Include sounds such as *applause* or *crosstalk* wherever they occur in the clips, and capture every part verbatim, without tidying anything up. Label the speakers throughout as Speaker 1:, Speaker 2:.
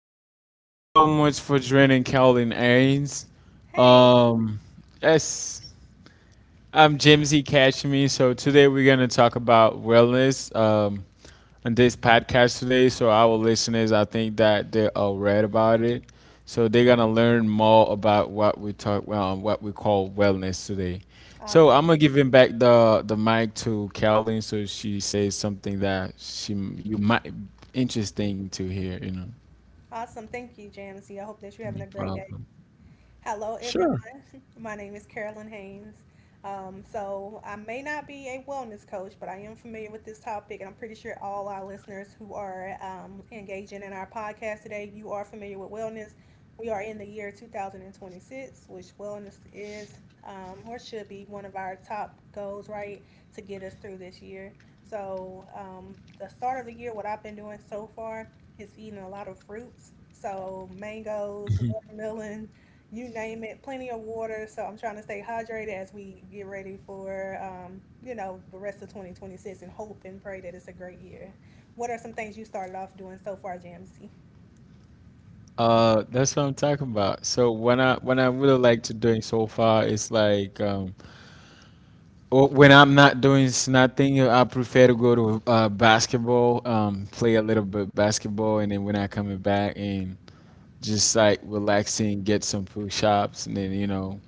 Speaker 1: right. Thank you so much for joining Calvin Ains.
Speaker 2: Hey,
Speaker 1: Um, yes, I'm James E. Cashme. So today we're gonna talk about wellness. Um, on this podcast today, so our listeners, I think that they are read about it, so they're gonna learn more about what we talk, well, what we call wellness today. So
Speaker 2: awesome.
Speaker 1: I'm gonna give him back the the mic to Calvin, so she says something that she you might interesting to hear. You know.
Speaker 2: Awesome. Thank you, Jamsey. I hope that you're having
Speaker 1: No
Speaker 2: a great day.
Speaker 1: problem.
Speaker 2: Hello, everyone.
Speaker 1: Sure.
Speaker 2: *laughs* My name is Carolyn Haynes. Um, so, I may not be a wellness coach, but I am familiar with this topic, and I'm pretty sure all our listeners who are um, engaging in our podcast today, you are familiar with wellness. We are in the year two thousand twenty-six, which wellness is um, or should be one of our top goals, right, to get us through this year. So, um, the start of the year, what I've been doing so far is eating a lot of fruits. So, mangoes, watermelon, you name it, plenty of water. So I'm trying to stay hydrated as we get ready for, um, you know, the rest of twenty twenty-six, and hope and pray that it's a great year. What are some things you started off doing so far, J M C?
Speaker 1: Uh, that's what I'm talking about. So when I when I really like to doing so far it's like um, or when I'm not doing s- nothing, I prefer to go to uh, basketball, um, play a little bit basketball, and then when I coming back and just like relaxing, get some push ups, and then you know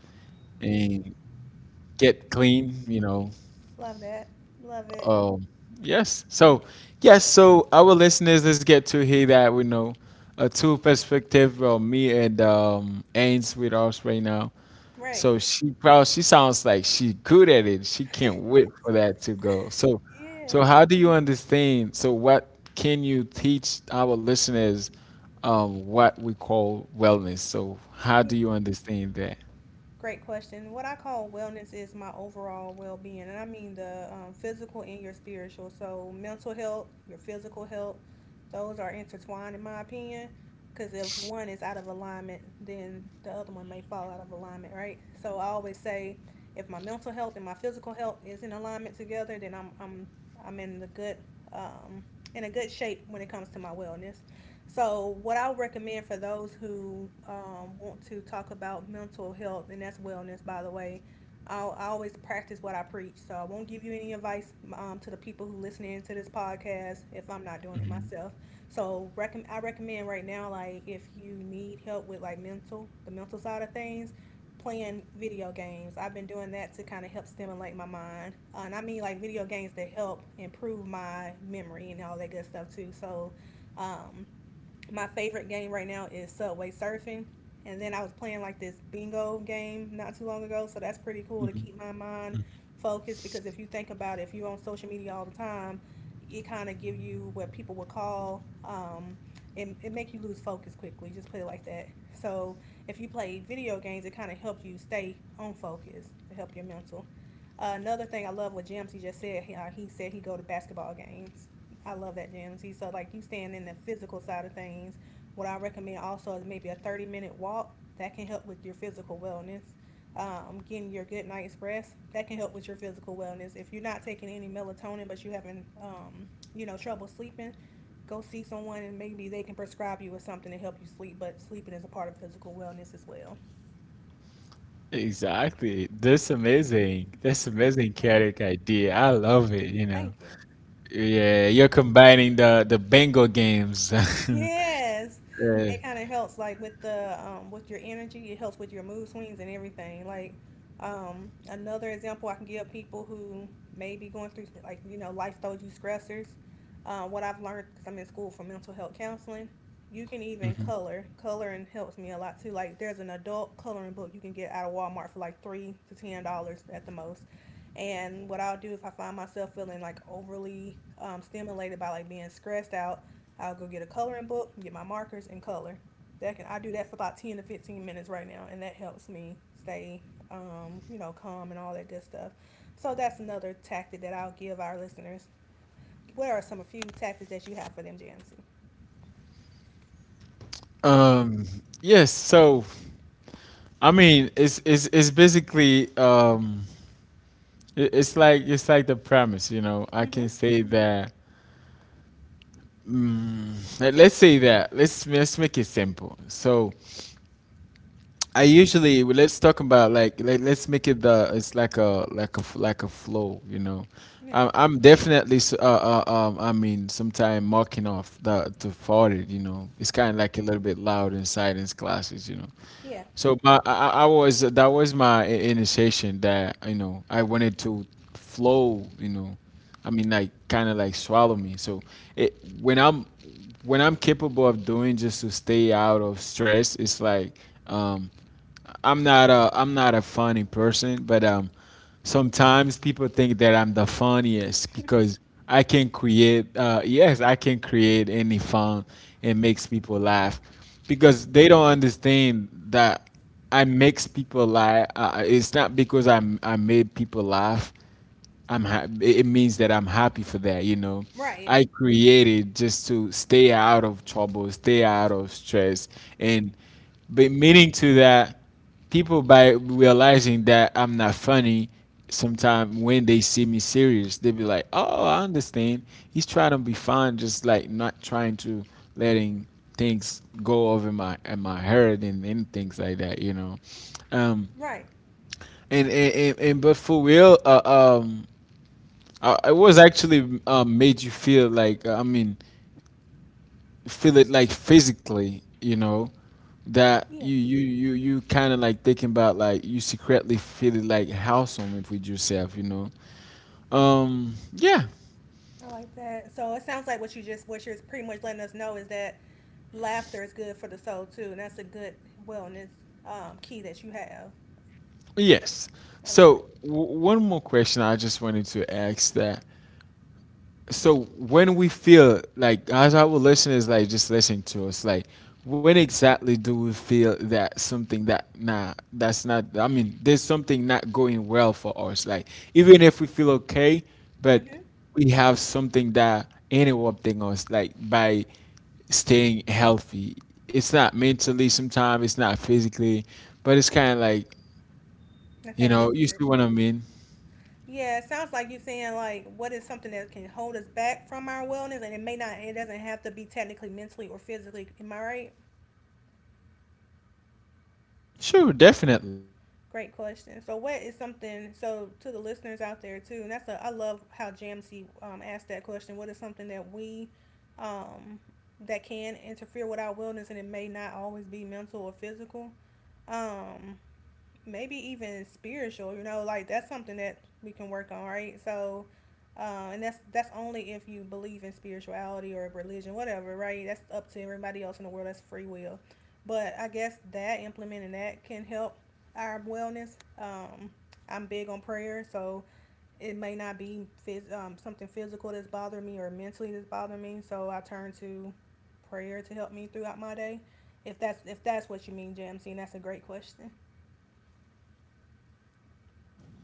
Speaker 1: and get clean, you know.
Speaker 2: Love that. Love it.
Speaker 1: Oh, yes. So, yes. So, our listeners, let's get to hear that. We know a two perspective from me and um Ains with us right now.
Speaker 2: Right.
Speaker 1: So she probably she sounds like she good at it. She can't wait for that to go. So,
Speaker 2: Yeah.
Speaker 1: so how do you understand? So, what can you teach our listeners? Um, what we call wellness. So, how do you understand that?
Speaker 2: Great question. What I call wellness is my overall well being, and I mean the um, physical and your spiritual. So, mental health, your physical health, those are intertwined in my opinion. Because if one is out of alignment, then the other one may fall out of alignment, right? So, I always say if my mental health and my physical health is in alignment together, then I'm, I'm, I'm in the good, um, in a good shape when it comes to my wellness. So, what I recommend for those who um, want to talk about mental health, and that's wellness, by the way, I'll, I always practice what I preach. So, I won't give you any advice um, to the people who listening to this podcast if I'm not doing it myself. So, recommend I recommend right now, like if you need help with like mental, the mental side of things, playing video games. I've been doing that to kind of help stimulate my mind. Uh, and I mean like video games that help improve my memory and all that good stuff too. So um, my favorite game right now is Subway Surfing. And then I was playing like this bingo game not too long ago, so that's pretty cool to
Speaker 1: Hmm.
Speaker 2: keep my mind focused. Because if you think about it, if you're on social media all the time, it kind of give you what people would call um, it, it make you lose focus quickly. Just put it like that. So if you play video games, it kind of helps you stay on focus to help your mental. Uh, another thing I love what Jamsey just said. He, uh, he said he go to basketball games. I love that, G M T. So, like you staying in the physical side of things, what I recommend also is maybe a thirty minute walk that can help with your physical wellness. Um, getting your good night's rest that can help with your physical wellness. If you're not taking any melatonin but you having, um, you know, trouble sleeping, go see someone and maybe they can prescribe you with something to help you sleep. But sleeping is a part of physical wellness as well.
Speaker 1: Exactly. That's amazing. That's amazing character idea. I love it, you know.
Speaker 2: Thank you.
Speaker 1: Yeah, you're combining the the bingo games. *laughs*
Speaker 2: Yes.
Speaker 1: Yeah.
Speaker 2: It kind of helps like with the um with your energy, it helps with your mood swings and everything. Like um another example I can give people who may be going through like you know life throws you stressors. Uh, what I've learned because I'm in school for mental health counseling, you can even
Speaker 1: Mhm.
Speaker 2: color. Coloring helps me a lot too. Like there's an adult coloring book you can get out of Walmart for like three to ten dollars at the most. And what I'll do if I find myself feeling like overly um, stimulated by like being stressed out, I'll go get a coloring book, get my markers and color. That can I do that for about ten to fifteen minutes right now, and that helps me stay, um, you know, calm and all that good stuff. So that's another tactic that I'll give our listeners. What are some a few tactics that you have for them, Jancy?
Speaker 1: Um, yes, so I mean, it's it's it's basically um it- it's like it's like the premise, you know. I
Speaker 2: Mm-hmm.
Speaker 1: can say that mm, let- let's say that. Let's let's make it simple. So I usually let's talk about like, like let's make it the it's like a like a f- like a flow, you know.
Speaker 2: Yeah.
Speaker 1: I'm I'm definitely s- uh, uh um I mean sometime marking off the to farted, you know. It's kind of like a little bit loud in in classes, you know.
Speaker 2: Yeah.
Speaker 1: So my I, I I was that was my i- initiation that you know I wanted to flow, you know. I mean like kind of like swallow me. So it when I'm when I'm capable of doing just to stay out of stress, it's like um I'm not a I'm not a funny person, but um, sometimes people think that I'm the funniest because I can create. Uh, yes, I can create any fun and makes people laugh because they don't understand that I makes people laugh. Uh, it's not because I'm I made people laugh. I'm ha- it means that I'm happy for that, you know.
Speaker 2: Right.
Speaker 1: I created just to stay out of trouble, stay out of stress, and but meaning to that, people by realizing that I'm not funny, sometimes when they see me serious, they be like, "Oh, I understand. He's trying to be fun, just like not trying to letting things go over my and my head and, and things like that, you know."
Speaker 2: Right.
Speaker 1: Um, and and, and, and but for real, uh, um uh, it was actually um, made you feel like I mean, feel it like physically, you know,
Speaker 2: Yeah.
Speaker 1: that you you you you kind of like thinking about like you secretly feeling like wholesome with yourself, you know. Um, yeah,
Speaker 2: I like that. So it sounds like what you just what you're pretty much letting us know is that laughter is good for the soul too, and that's a good wellness um, key that you have.
Speaker 1: yes.
Speaker 2: I love
Speaker 1: So w- one more question I just wanted to ask that, so when we feel like as our listeners like just listen to us like when exactly do we feel that something that nah that's not, I mean there's something not going well for us like even if we feel okay
Speaker 2: that.
Speaker 1: but
Speaker 2: Mm-hmm.
Speaker 1: we have something that interrupting us like by staying healthy, it's not mentally, sometimes it's not physically but it's kind of like,
Speaker 2: Not
Speaker 1: you
Speaker 2: that
Speaker 1: know, you
Speaker 2: nuisance.
Speaker 1: see what I mean.
Speaker 2: Yeah, it sounds like you're saying like what is something that can hold us back from our wellness, and it may not. It doesn't have to be technically mentally or physically. Am I right?
Speaker 1: Sure, definitely.
Speaker 2: Great question. So what is something? So to the listeners out there too, and that's a, I love how Jamsey um, asked that question. What is something that we um, that can interfere with our wellness, and it may not always be mental or physical. Um, Maybe even spiritual, you know, like that's something that we can work on, right? So, uh, and that's that's only if you believe in spirituality or religion, whatever, right? That's up to everybody else in the world. That's free will. But I guess that implementing that can help our wellness. Um, I'm big on prayer, so it may not be phys- um, something physical that's bothering me or mentally that's bothering me. So I turn to prayer to help me throughout my day. If that's if that's what you mean, J M C, and that's a great question.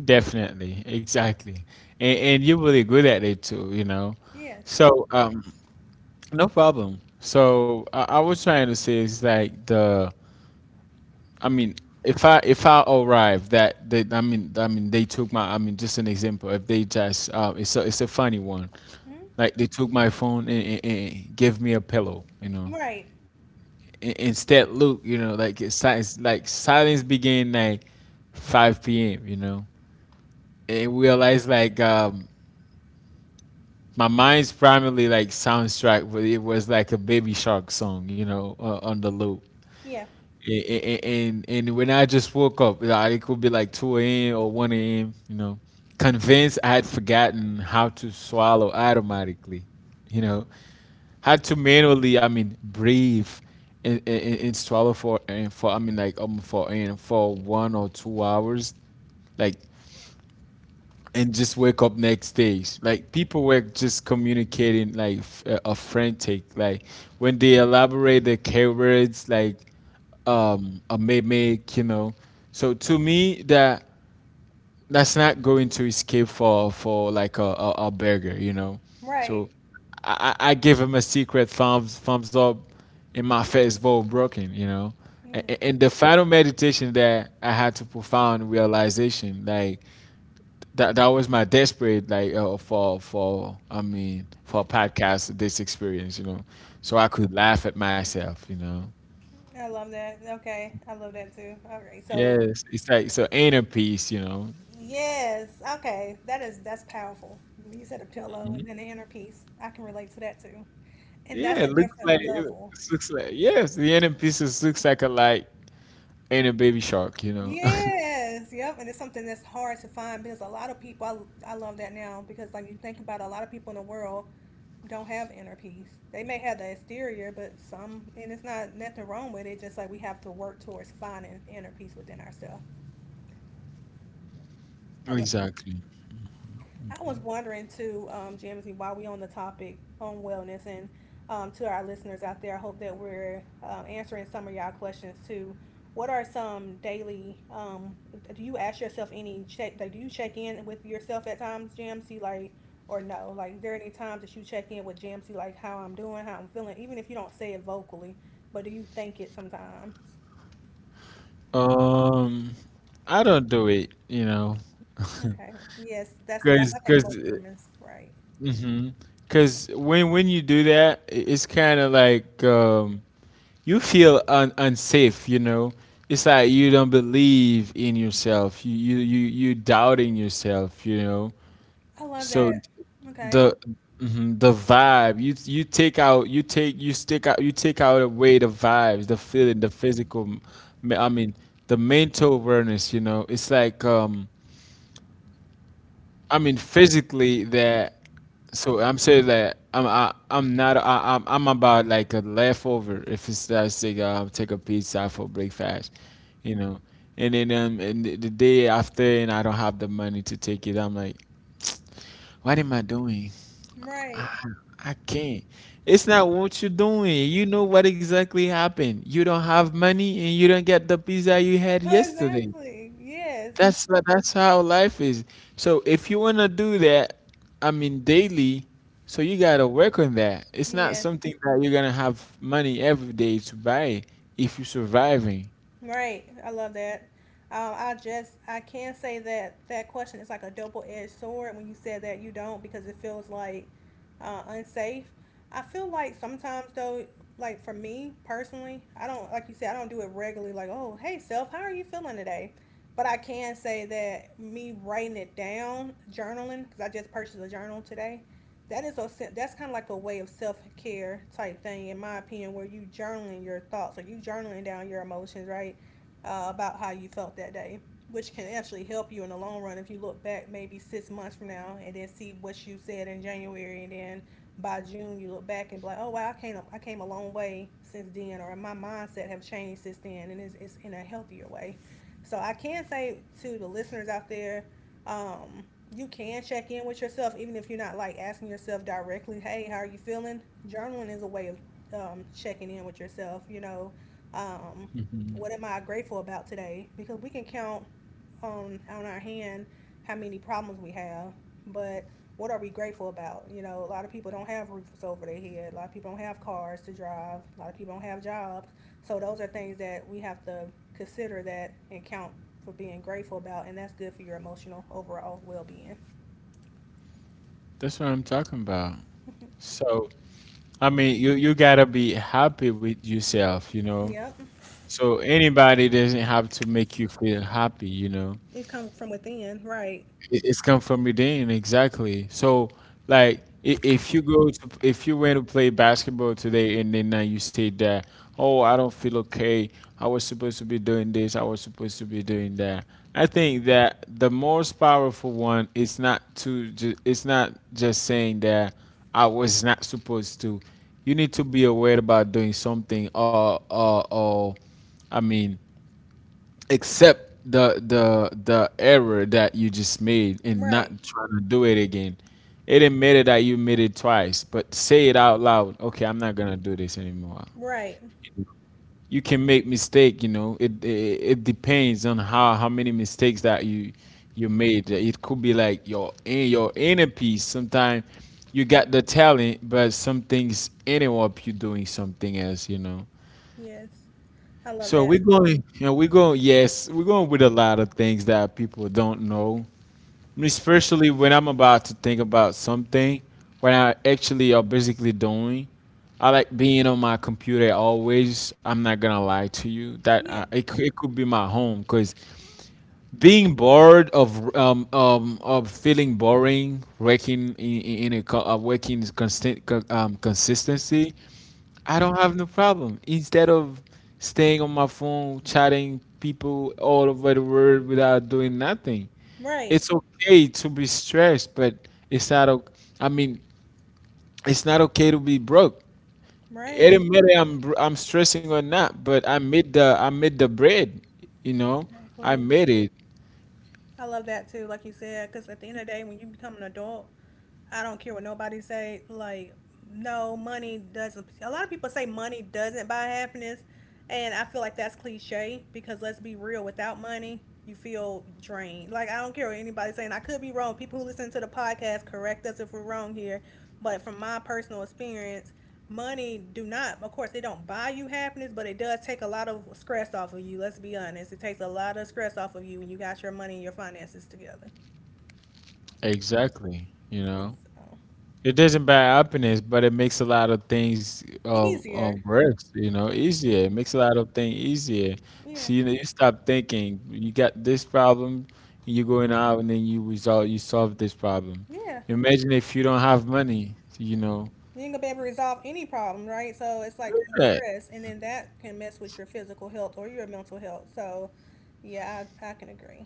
Speaker 1: Definitely, exactly, and, and you're really good at it too, you know.
Speaker 2: Yeah, thank.
Speaker 1: So, um, no problem. So, I, I was trying to say is like the, I mean, if I if I arrive that they, I mean, I mean, they took my, I mean, just an example. If they just, uh, it's a it's a funny one.
Speaker 2: Hmm?
Speaker 1: Like they took my phone and, and, and gave me a pillow, you know.
Speaker 2: Right.
Speaker 1: In- Instead, Luke, you know, like it's, si- it's like silence began like five p m. You know, and realized like um my mind's primarily like soundtrack, but it was like a Baby Shark song, you know, uh, on the loop.
Speaker 2: Yeah.
Speaker 1: And, and and when I just woke up, like, it could be like two a m or one a m. You know, convinced I had forgotten how to swallow automatically. You know, had to manually, I mean, breathe and, and, and swallow for and for I mean like um for and for one or two hours. Like and just wake up next days. Like people were just communicating like f- uh, a frantic. Like when they elaborate the keywords, like um, a mimic, you know. So to me, that that's not going to escape for for like a, a, a burger, you know.
Speaker 2: Right.
Speaker 1: So I, I I give him a secret thumbs thumbs up, and my first vote broken, you know.
Speaker 2: Yeah.
Speaker 1: A- And the final meditation that I had to profound realization, like that that was my desperate like uh, for for I mean for a podcast this experience, you know, so I could laugh at myself, you know.
Speaker 2: I love that. Okay. I love that too. All right. So,
Speaker 1: Yes, it's like so inner peace, you know.
Speaker 2: yes. Okay. That is that's powerful. You said a pillow
Speaker 1: Mhm.
Speaker 2: and then the inner peace. I can relate to that too. And
Speaker 1: Yeah,
Speaker 2: that's a
Speaker 1: it looks like
Speaker 2: different
Speaker 1: it
Speaker 2: level.
Speaker 1: looks like yes, the inner peace is, looks like a like inner baby shark, you know.
Speaker 2: Yes, yep, and it's something that's hard to find because a lot of people, I, I love that now because like you think about it, a lot of people in the world don't have inner peace. They may have the exterior, but some, and it's not nothing wrong with it. Just like we have to work towards finding inner peace within ourselves.
Speaker 1: *laughs*
Speaker 2: I love that.
Speaker 1: Exactly.
Speaker 2: I was wondering too, um, Jamesy, while we on the topic on wellness and um, to our listeners out there, I hope that we're uh, answering some of y'all questions too. What are some daily? Um, do you ask yourself any check? Like, do you check in with yourself at times, Jamesy? Like, or no? Like, is there any times that you check in with Jamesy, like how I'm doing, how I'm feeling, even if you don't say it vocally, but do you think it sometimes?
Speaker 1: Um, I don't do it, you know. *laughs*
Speaker 2: Okay. Yes, that's that's
Speaker 1: because
Speaker 2: I think
Speaker 1: because.
Speaker 2: most humans, right?
Speaker 1: Cause when when you do that, i- it's kind of like um, you feel un- unsafe, you know, it's like you don't believe in yourself, you you you, you doubting yourself, you know.
Speaker 2: I love
Speaker 1: So
Speaker 2: that. Okay.
Speaker 1: the mhm, the vibe you you take out you take you stick out you take out away the vibes, the feeling, the physical me- I mean the mental awareness, you know, it's like um I mean physically that, so I'm saying that I'm I, I'm not I, I'm I'm about like a leftover. If it's that sick, I'll take a pizza for breakfast, you know. And then um, and the, the day after, and I don't have the money to take it. I'm like, what am I doing?
Speaker 2: Right.
Speaker 1: I, I can't. It's not what you're doing. You know what exactly happened. You don't have money, and you don't get the pizza you had yesterday.
Speaker 2: Exactly. Yes.
Speaker 1: That's that's how life is. So if you wanna do that, I mean daily, so you gotta work on that. It's not
Speaker 2: Yes.
Speaker 1: something that you're gonna have money every day to buy if you're surviving.
Speaker 2: Right. I love that. Um, I just I can say that that question is like a double-edged sword. When you said that you don't because it feels like uh, unsafe. I feel like sometimes though, like for me personally, I don't like you said I don't do it regularly. Like oh hey self, how are you feeling today? But I can say that me writing it down, journaling, because I just purchased a journal today. that is a that's kind of like a way of self care type thing, in my opinion, where you journaling your thoughts or you journaling down your emotions, right, uh, about how you felt that day, which can actually help you in the long run if you look back maybe six months from now and then see what you said in January, and then by June you look back and be like, oh wow, I came I came a long way since then, or my mindset have changed since then, and it's it's in a healthier way. So I can say to the listeners out there um, you can check in with yourself, even if you're not like asking yourself directly, hey, how are you feeling? Journaling is a way of um, checking in with yourself, you know, what
Speaker 1: Hmm.
Speaker 2: am I grateful about today? Because we can count on on our hand how many problems we have, but what are we grateful about? You know, a lot of people don't have roofs over their head. A lot of people don't have cars to drive. A lot of people don't have jobs. So those are things that we have to consider that and count for being grateful about, and that's good for your emotional overall well-being.
Speaker 1: That's what I'm talking about. So I mean, you you gotta be happy with yourself, you know.
Speaker 2: Yep,
Speaker 1: So anybody doesn't have to make you feel happy, you know.
Speaker 2: it's come from within. Right,
Speaker 1: It- It's come from within, exactly. So, like, i- if you go to, if you went to play basketball today and then uh, you say that, oh, I don't feel okay. I was supposed to be doing this. I was supposed to be doing that. I think that the most powerful one is not to, ju- it's not just saying that I was not supposed to. You need to be aware about doing something, or, or, or, I mean, accept the the the error that you just made and not
Speaker 2: right,
Speaker 1: trying to do it again. It admitted that you made it twice, but say it out loud. Okay, I'm not gonna do this anymore.
Speaker 2: right.
Speaker 1: You can make mistake. You know, it it, it depends on how how many mistakes that you you made. It could be like your in your inner peace. Sometimes you got the talent, but some things ended up you doing something else. You know.
Speaker 2: Yes, I love
Speaker 1: So we're
Speaker 2: that.
Speaker 1: going, you know, we're going, yes, we're going with a lot of things that people don't know. Especially when I'm about to think about something, when I actually are basically doing. I like being on my computer always. I'm not gonna lie to you that uh,
Speaker 2: Yeah,
Speaker 1: it, cou- it could be my home because being bored of um, um of feeling boring, working in, in in a co- uh, working constant co- um, consistency I don't have no problem. Instead of staying on my phone chatting people all over the world without doing nothing,
Speaker 2: right,
Speaker 1: it's okay to be stressed, but it's not. o- I mean, it's not okay to be broke. It
Speaker 2: right.
Speaker 1: didn't matter I'm br- I'm stressing or not, but I made the I made the bread. You know, I
Speaker 2: Exactly.
Speaker 1: made it
Speaker 2: I love that too, like you said, because at the end of the day, when you become an adult, I don't care what nobody say. Like, no, money doesn't. A lot of people say money doesn't buy happiness, and I feel like that's cliche because let's be real. Without money, you feel drained. Like I don't care what anybody's saying. I could be wrong. People who listen to the podcast correct us if we're wrong here, but from my personal experience, money do not. Of course, it don't buy you happiness, but it does take a lot of stress off of you. Let's be honest. It takes a lot of stress off of you when you got your money and your finances together.
Speaker 1: exactly. You know.
Speaker 2: It's uh,
Speaker 1: It doesn't buy happiness, but it makes a lot of things um,
Speaker 2: Easier.
Speaker 1: um work, you know,
Speaker 2: Yeah.
Speaker 1: easier. It makes a lot of things easier.
Speaker 2: Yeah,
Speaker 1: See, you, know, you stop thinking. You got this problem, you going out and then you resolve, you solve this problem.
Speaker 2: yeah.
Speaker 1: Imagine if you don't have money, you know.
Speaker 2: You ain't gonna be able to resolve any problem, right? So it's like
Speaker 1: Look
Speaker 2: a
Speaker 1: at that.
Speaker 2: stress, and then that can mess with your physical health or your mental health. So, yeah, I, I can agree.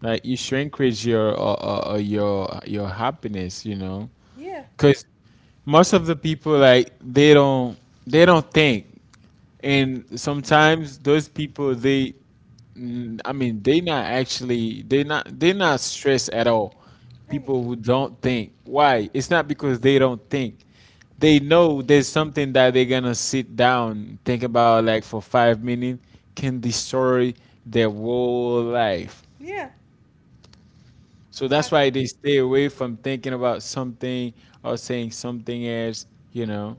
Speaker 1: Like you shrinkage your uh, uh, uh, your your happiness, you know,
Speaker 2: Yeah,
Speaker 1: because most of the people like they don't they don't think. And sometimes those people they Mm, I mean, they not actually they not they not stressed at all.
Speaker 2: right.
Speaker 1: People who don't think. Why? It's not because they don't think. They know there's something that they're gonna sit down, think about like for five minutes, can destroy their whole life.
Speaker 2: Yeah,
Speaker 1: So
Speaker 2: I
Speaker 1: that's why
Speaker 2: agree.
Speaker 1: they stay away from thinking about something or saying something else, you know.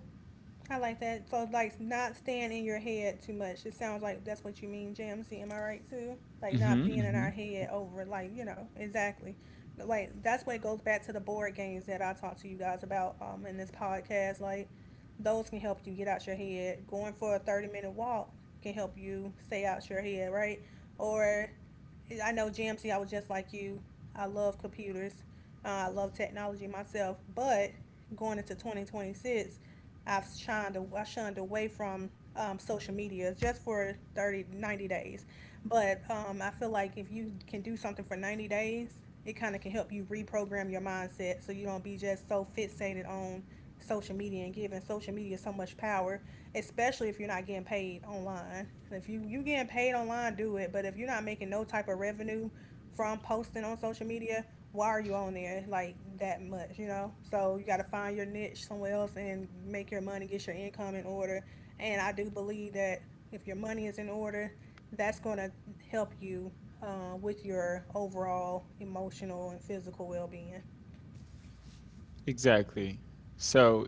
Speaker 2: I like that. So like not staying in your head too much. It sounds like that's what you mean, Jamsey. Am I right too? Like not being in our
Speaker 1: hmm
Speaker 2: head over like, you know, exactly. Like that's when it goes back to the board games that I talked to you guys about um in this podcast. Like those can help you get out your head. Going for a thirty minute walk can help you stay out your head, right? Or I know Jamsey, I was just like you. I love computers. Uh, I love technology myself, but going into twenty twenty-six I've shunned I shunned away from um, social media just for thirty ninety days but um, I feel like if you can do something for ninety days, it kind of can help you reprogram your mindset so you don't be just so fixated on social media and giving social media so much power, especially if you're not getting paid online. If you you getting paid online, do it. But if you're not making no type of revenue from posting on social media, why are you on there like that much? You know, so you got to find your niche somewhere else and make your money, get your income in order. And I do believe that if your money is in order, that's going to help you uh, with your overall emotional and physical well-being.
Speaker 1: Exactly. So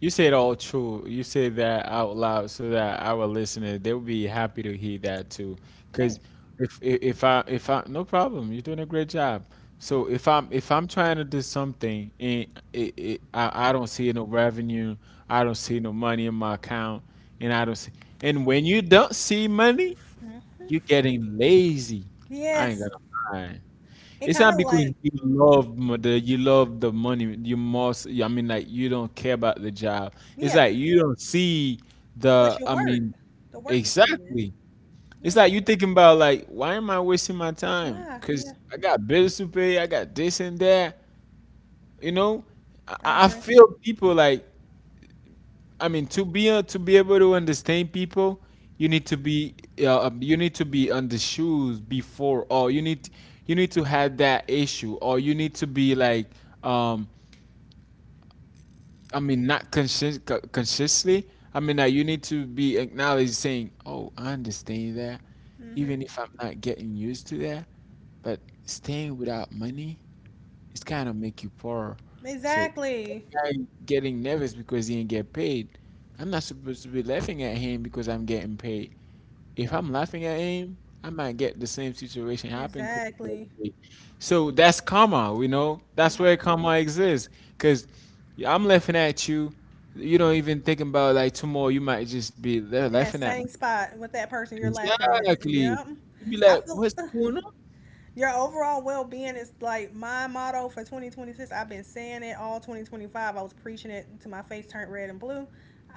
Speaker 1: you said all true. You said that out loud so that our listeners they'll be happy to hear that too. Because
Speaker 2: Thanks.
Speaker 1: if i- if I if I no problem, you're doing a great job. So if I'm if I'm trying to do something and it, it, I I don't see no revenue, I don't see no money in my account, and I don't see and When you don't see money,
Speaker 2: Mm-hmm.
Speaker 1: you're getting lazy. I ain't
Speaker 2: Yes,
Speaker 1: gonna lie.
Speaker 2: it
Speaker 1: It's
Speaker 2: kind
Speaker 1: not
Speaker 2: of
Speaker 1: because
Speaker 2: like
Speaker 1: you love mo- the you love the money. You must. I mean, like you don't care about the job. It's
Speaker 2: yeah,
Speaker 1: like you don't see
Speaker 2: but
Speaker 1: the.
Speaker 2: your
Speaker 1: I
Speaker 2: work,
Speaker 1: mean,
Speaker 2: the work you put in.
Speaker 1: exactly.
Speaker 2: Yeah.
Speaker 1: It's like you thinking about like, why am I wasting my time?
Speaker 2: Why? Yeah,
Speaker 1: Because I got bills to pay. I got this and that. You know, I,
Speaker 2: I
Speaker 1: I
Speaker 2: agree.
Speaker 1: feel people like I mean, to be uh, to be able to understand people, you need to be uh, um, you need to be on the shoes before, or you need you need to have that issue, or you need to be like, um, I mean, not conscious co- consciously. I mean, uh, you need to be acknowledged saying, "Oh, I understand that,
Speaker 2: Hmm.
Speaker 1: even if I'm not getting used to that." But staying without money, it's kind of make you poor. So
Speaker 2: Exactly.
Speaker 1: guy getting nervous because he ain't get paid. I'm not supposed to be laughing at him because I'm getting paid. If I'm laughing at him, I might get the same situation happen to
Speaker 2: Exactly.
Speaker 1: me. So that's karma, you know? That's
Speaker 2: Yep.
Speaker 1: where karma exists. Because I'm laughing at you. You don't even think about like tomorrow, you might just be there
Speaker 2: In that
Speaker 1: laughing at me.
Speaker 2: same spot with that person you're laughing at.
Speaker 1: Exactly.
Speaker 2: Yep.
Speaker 1: You'd be
Speaker 2: I
Speaker 1: like,
Speaker 2: feel.
Speaker 1: what's
Speaker 2: *sighs*
Speaker 1: going on?
Speaker 2: Your overall well being is like my motto for twenty twenty-six. I've been saying it all twenty twenty-five. I was preaching it to my face turned red and blue.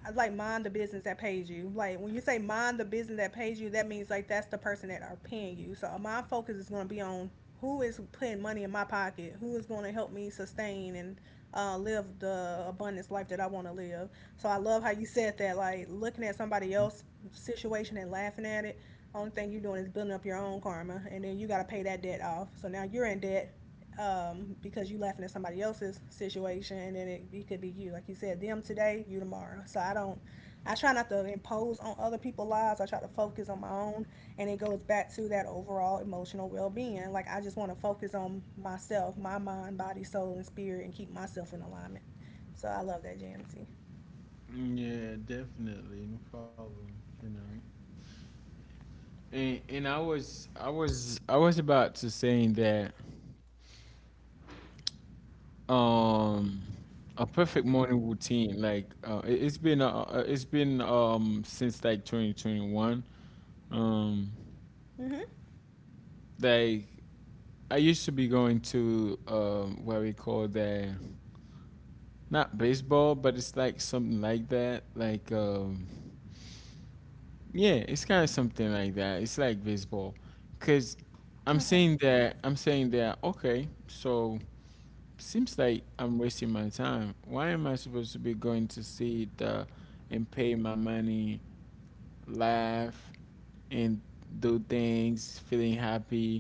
Speaker 2: I like mind the business that pays you. Like when you say mind the business that pays you, that means like that's the person that are paying you. So my focus is going to be on who is putting money in my pocket? Who is going to help me sustain and uh, live the abundance life that I want to live? So I love how you said that, like looking at somebody else's situation and laughing at it. Only thing you're doing is building up your own karma, and then you got to pay that debt off. So now you're in debt, um, because you laughing at somebody else's situation, and then it, it could be you. Like you said, them today, you tomorrow. So I don't. I try not to impose on other people's lives. I try to focus on my own, and it goes back to that overall emotional well-being. Like I just want to focus on myself, my mind, body, soul, and spirit, and keep myself in alignment. So I love that, Jamsey.
Speaker 1: Yeah, definitely, no problem. You know. And and I was I was I was about to saying that um a perfect morning routine like uh, it, it's been uh, uh, it's been um since like twenty twenty-one.
Speaker 2: Mhm.
Speaker 1: um like I used to be going to um what we call the not baseball, but it's like something like that, like um yeah, it's kind of something like that, it's like baseball. Because
Speaker 2: Okay.
Speaker 1: I'm saying that I'm saying that, okay, so seems like I'm wasting my time. Why am I supposed to be going to see the and pay my money, laugh, and do things, feeling happy,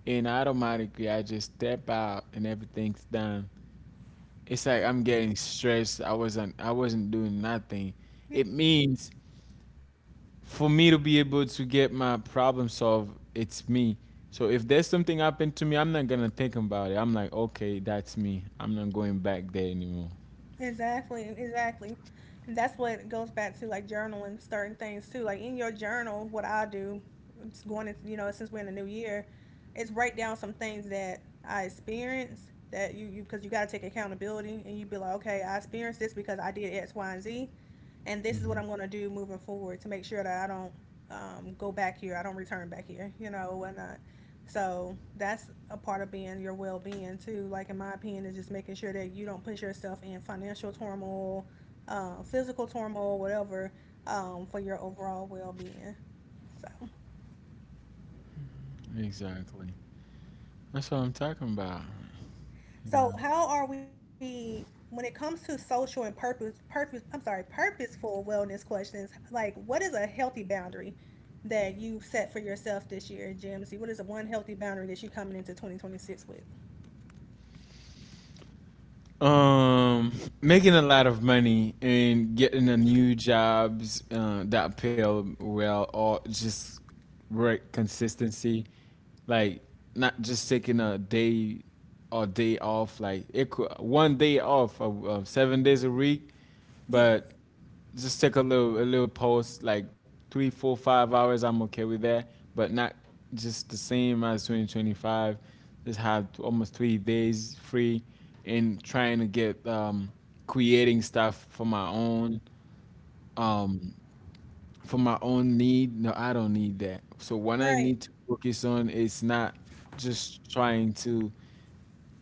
Speaker 1: and automatically I just step out and everything's done. It's like I'm getting stressed. I wasn't I wasn't doing nothing.
Speaker 2: Yeah.
Speaker 1: It means for me to be able to get my problem solved, it's me. So if there's something happened to me, I'm not gonna think about it. I'm like, okay, that's me. I'm not going back there anymore.
Speaker 2: Exactly, exactly. And that's what it goes back to, like journaling certain things too. Like in your journal, what I do, it's going into, you know, since we're in the new year, is write down some things that I experienced that you, you because you got to take accountability and you be like, okay, I experienced this because I did X, Y, and Z, and this is what
Speaker 1: Mhm.
Speaker 2: I'm going to do moving forward to make sure that I don't um, go back here, I don't return back here, you know, and whatnot. So that's a part of being your well being too. Like in my opinion, is just making sure that you don't put yourself in financial turmoil, uh, physical turmoil, whatever, um, for your overall well being. So,
Speaker 1: Exactly. That's what I'm talking about.
Speaker 2: so
Speaker 1: You
Speaker 2: how are we when it comes to social and purpose, purpose? I'm sorry, purposeful wellness questions. Like, what is a healthy boundary that you set for yourself this year, Jamesy? What is the one healthy boundary that you're coming into twenty twenty-six with?
Speaker 1: know, um, making a lot of money and getting a new jobs uh, that pay well, or just work consistency, like not just taking a day or day off, like it could, one day off, uh, uh, seven days a week,
Speaker 2: Yes,
Speaker 1: but just take a little a little post like three, four, five hours. I'm okay with that, but not just the same as twenty twenty-five. Just have almost three days free and trying to get um, creating stuff for my own um, for my own need. No, I don't need that. So what I
Speaker 2: right.
Speaker 1: need to focus on is not just trying to,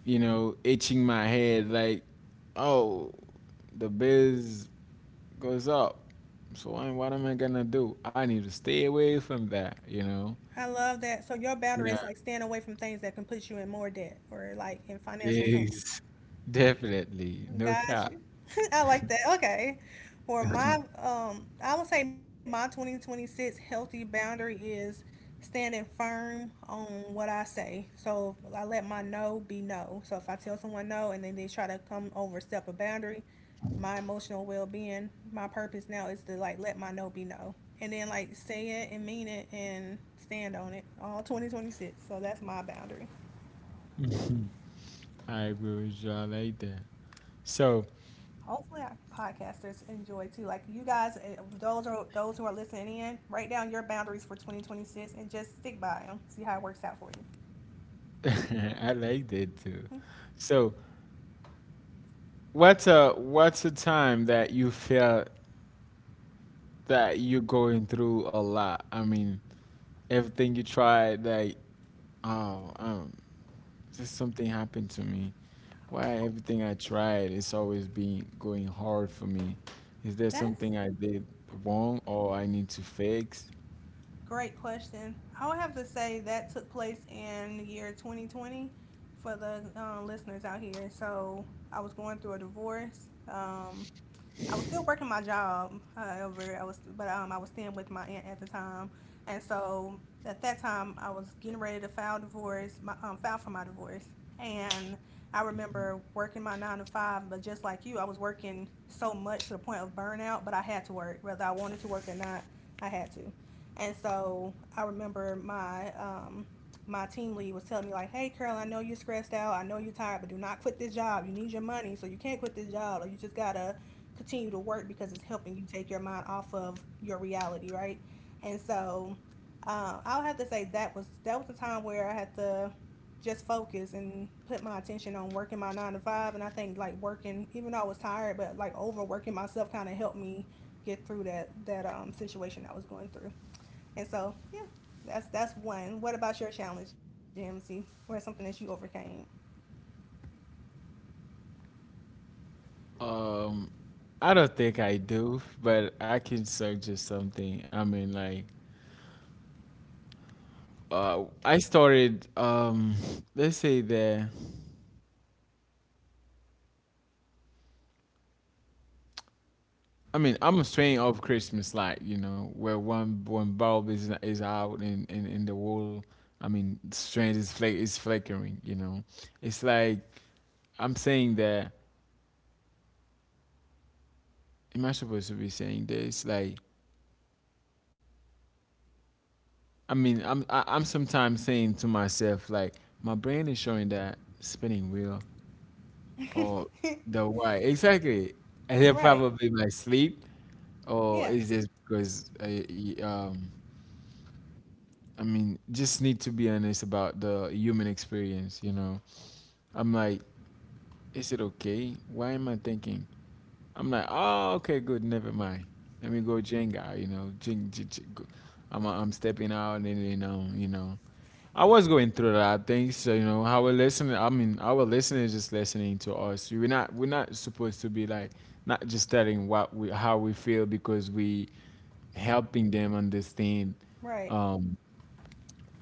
Speaker 1: you know, itching my head like, oh, the bills goes up. So what what am I gonna do? I need to stay away from that, you know?
Speaker 2: I love that. So your boundary
Speaker 1: Nah,
Speaker 2: is like staying away from things that can put you in more debt or like in financial turmoil.
Speaker 1: yes. *laughs* Definitely. No
Speaker 2: Got
Speaker 1: cap.
Speaker 2: you. *laughs* I like that. Okay. For my,
Speaker 1: *laughs*
Speaker 2: um, I would say my twenty twenty-six healthy boundary is standing firm on what I say. So I let my no be no. So if I tell someone no and then they try to come overstep a boundary, my emotional well being, my purpose now is to like let my no be no. And then like say it and mean it and stand on it all twenty twenty-six. So that's my boundary.
Speaker 1: I agree with you. I like that. So
Speaker 2: Hopefully our podcasters enjoy too. Like you guys, uh, those are those who are listening in, write down your boundaries for twenty twenty-six and just stick by them. See how it works out for you.
Speaker 1: *laughs* I like that too. So what's a what's a time that you felt that you're going through a lot? I mean, everything you tried, like, oh, um, just something happened to me. Why everything I tried, it's always been going hard for me. Is there something
Speaker 2: That's
Speaker 1: I did wrong or I need to fix?
Speaker 2: a great question. I would have to say that took place in the year twenty twenty for the uh, listeners out here. So I was going through a divorce. Um, I was still working my job, however, I was, but um, I was staying with my aunt at the time, and so at that time I was getting ready to file divorce, my um, file for my divorce, and I remember working my nine to five, but just like you, I was working so much to the point of burnout, but I had to work, whether I wanted to work or not, I had to, and so I remember my um, my team lead was telling me like, "Hey, Carol, I know you're stressed out. I know you're tired, but do not quit this job. You need your money, so you can't quit this job, or you just gotta continue to work because it's helping you take your mind off of your reality, right? And so uh, I'll have to say that was that was a time where I had to just focus and put my attention on working my nine to five. And I think like working, even though I was tired, but like overworking myself kind of helped me get through that that um, situation I was going through. And so yeah, that's that's one. What about your challenge, G M C? What's something that you overcame?
Speaker 1: Um, I don't think I do, but I can search just something. I mean, like, uh, I started, um, *laughs* let's say the, I mean, I'm a strain of Christmas light, you know, where one one bulb is is out and and, and the whole, I mean, strand is fl- is flickering, you know. It's like I'm saying that, am I supposed to be saying this? Like, I mean, I'm I, I'm sometimes saying to myself like, my brain is showing that spinning wheel, or
Speaker 2: *laughs*
Speaker 1: the why exactly, and
Speaker 2: Right.
Speaker 1: it probably my sleep,
Speaker 2: Yeah.
Speaker 1: or is just because I I- um I mean just need to be honest about the human experience. You know, I'm like, is it okay? Why am I thinking? I'm like, oh, okay, good, never mind. Let me go Jenga, you know, jing, jing, jing, go. I'm I'm stepping out, and then um, you know, I was going through that. I think so. You know, our listener. I mean, our listener is just listening to us. We're not. We're not supposed to be like not just telling what we how we feel, because we helping them understand
Speaker 2: Right.
Speaker 1: um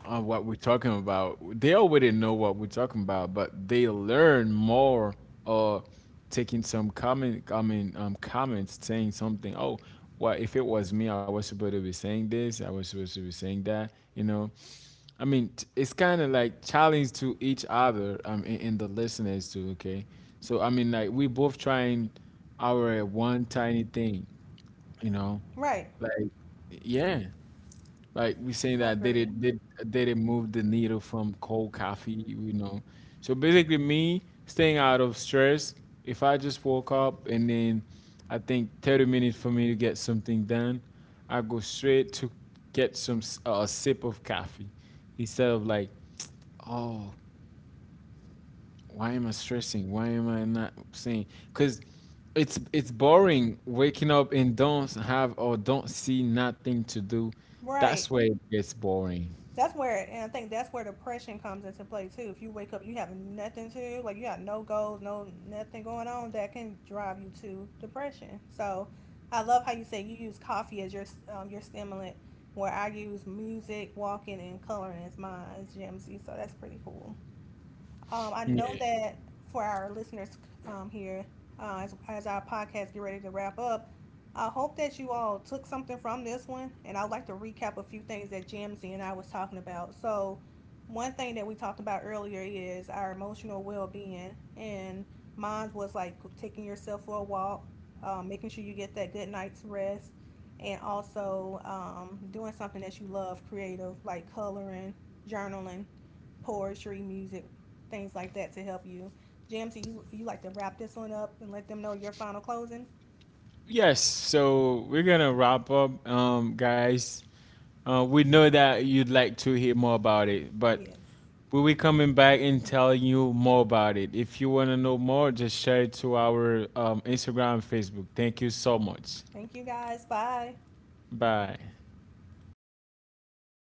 Speaker 1: uh, what we're talking about. They already know what we're talking about, but they learn more or taking some comment. I mean, um, comments saying something. Oh, well, if it was me, I was supposed to be saying this. I was supposed to be saying that. You know, I mean, t- it's kind of like challenge to each other, um, in, in the listeners too. Okay, so I mean, like we both trying our one tiny thing, you know,
Speaker 2: Right.
Speaker 1: like yeah, like
Speaker 2: I
Speaker 1: we saying
Speaker 2: agree.
Speaker 1: that they did did they did move the needle from cold coffee, you know. So basically, me staying out of stress. If I just woke up and then I think thirty minutes for me to get something done, I go straight to get some s- uh, a sip of coffee instead of like, oh, why am I stressing, why am I not saying, because it's it's boring waking up and don't have or don't see nothing to do. That's
Speaker 2: Right.
Speaker 1: where it gets boring.
Speaker 2: That's where, and I think that's where depression comes into play too. If you wake up, you have nothing to do, like you have no goals, no nothing going on, that can drive you to depression. So, I love how you say you use coffee as your um, your stimulant, where I use music, walking, and coloring as mine as Jimsy. So that's pretty cool. Um, I know
Speaker 1: Yeah,
Speaker 2: that for our listeners um, here, uh, as, as our podcast get ready to wrap up, I hope that you all took something from this one, and I'd like to recap a few things that Jamsey and I was talking about. So, one thing that we talked about earlier is our emotional well-being, and mine was like taking yourself for a walk, um, making sure you get that good night's rest, and also um, doing something that you love, creative, like coloring, journaling, poetry, music, things like that to help you. Jams, you you like to wrap this one up and let them know your final closing?
Speaker 1: yes, so we're gonna wrap up, um guys, uh, we know that you'd like to hear more about it, but
Speaker 2: Yes.
Speaker 1: we'll be coming back and telling you more about it. If you want to know more, just share it to our um, Instagram and Facebook. Thank you so much.
Speaker 2: Thank you guys. Bye.
Speaker 1: Bye.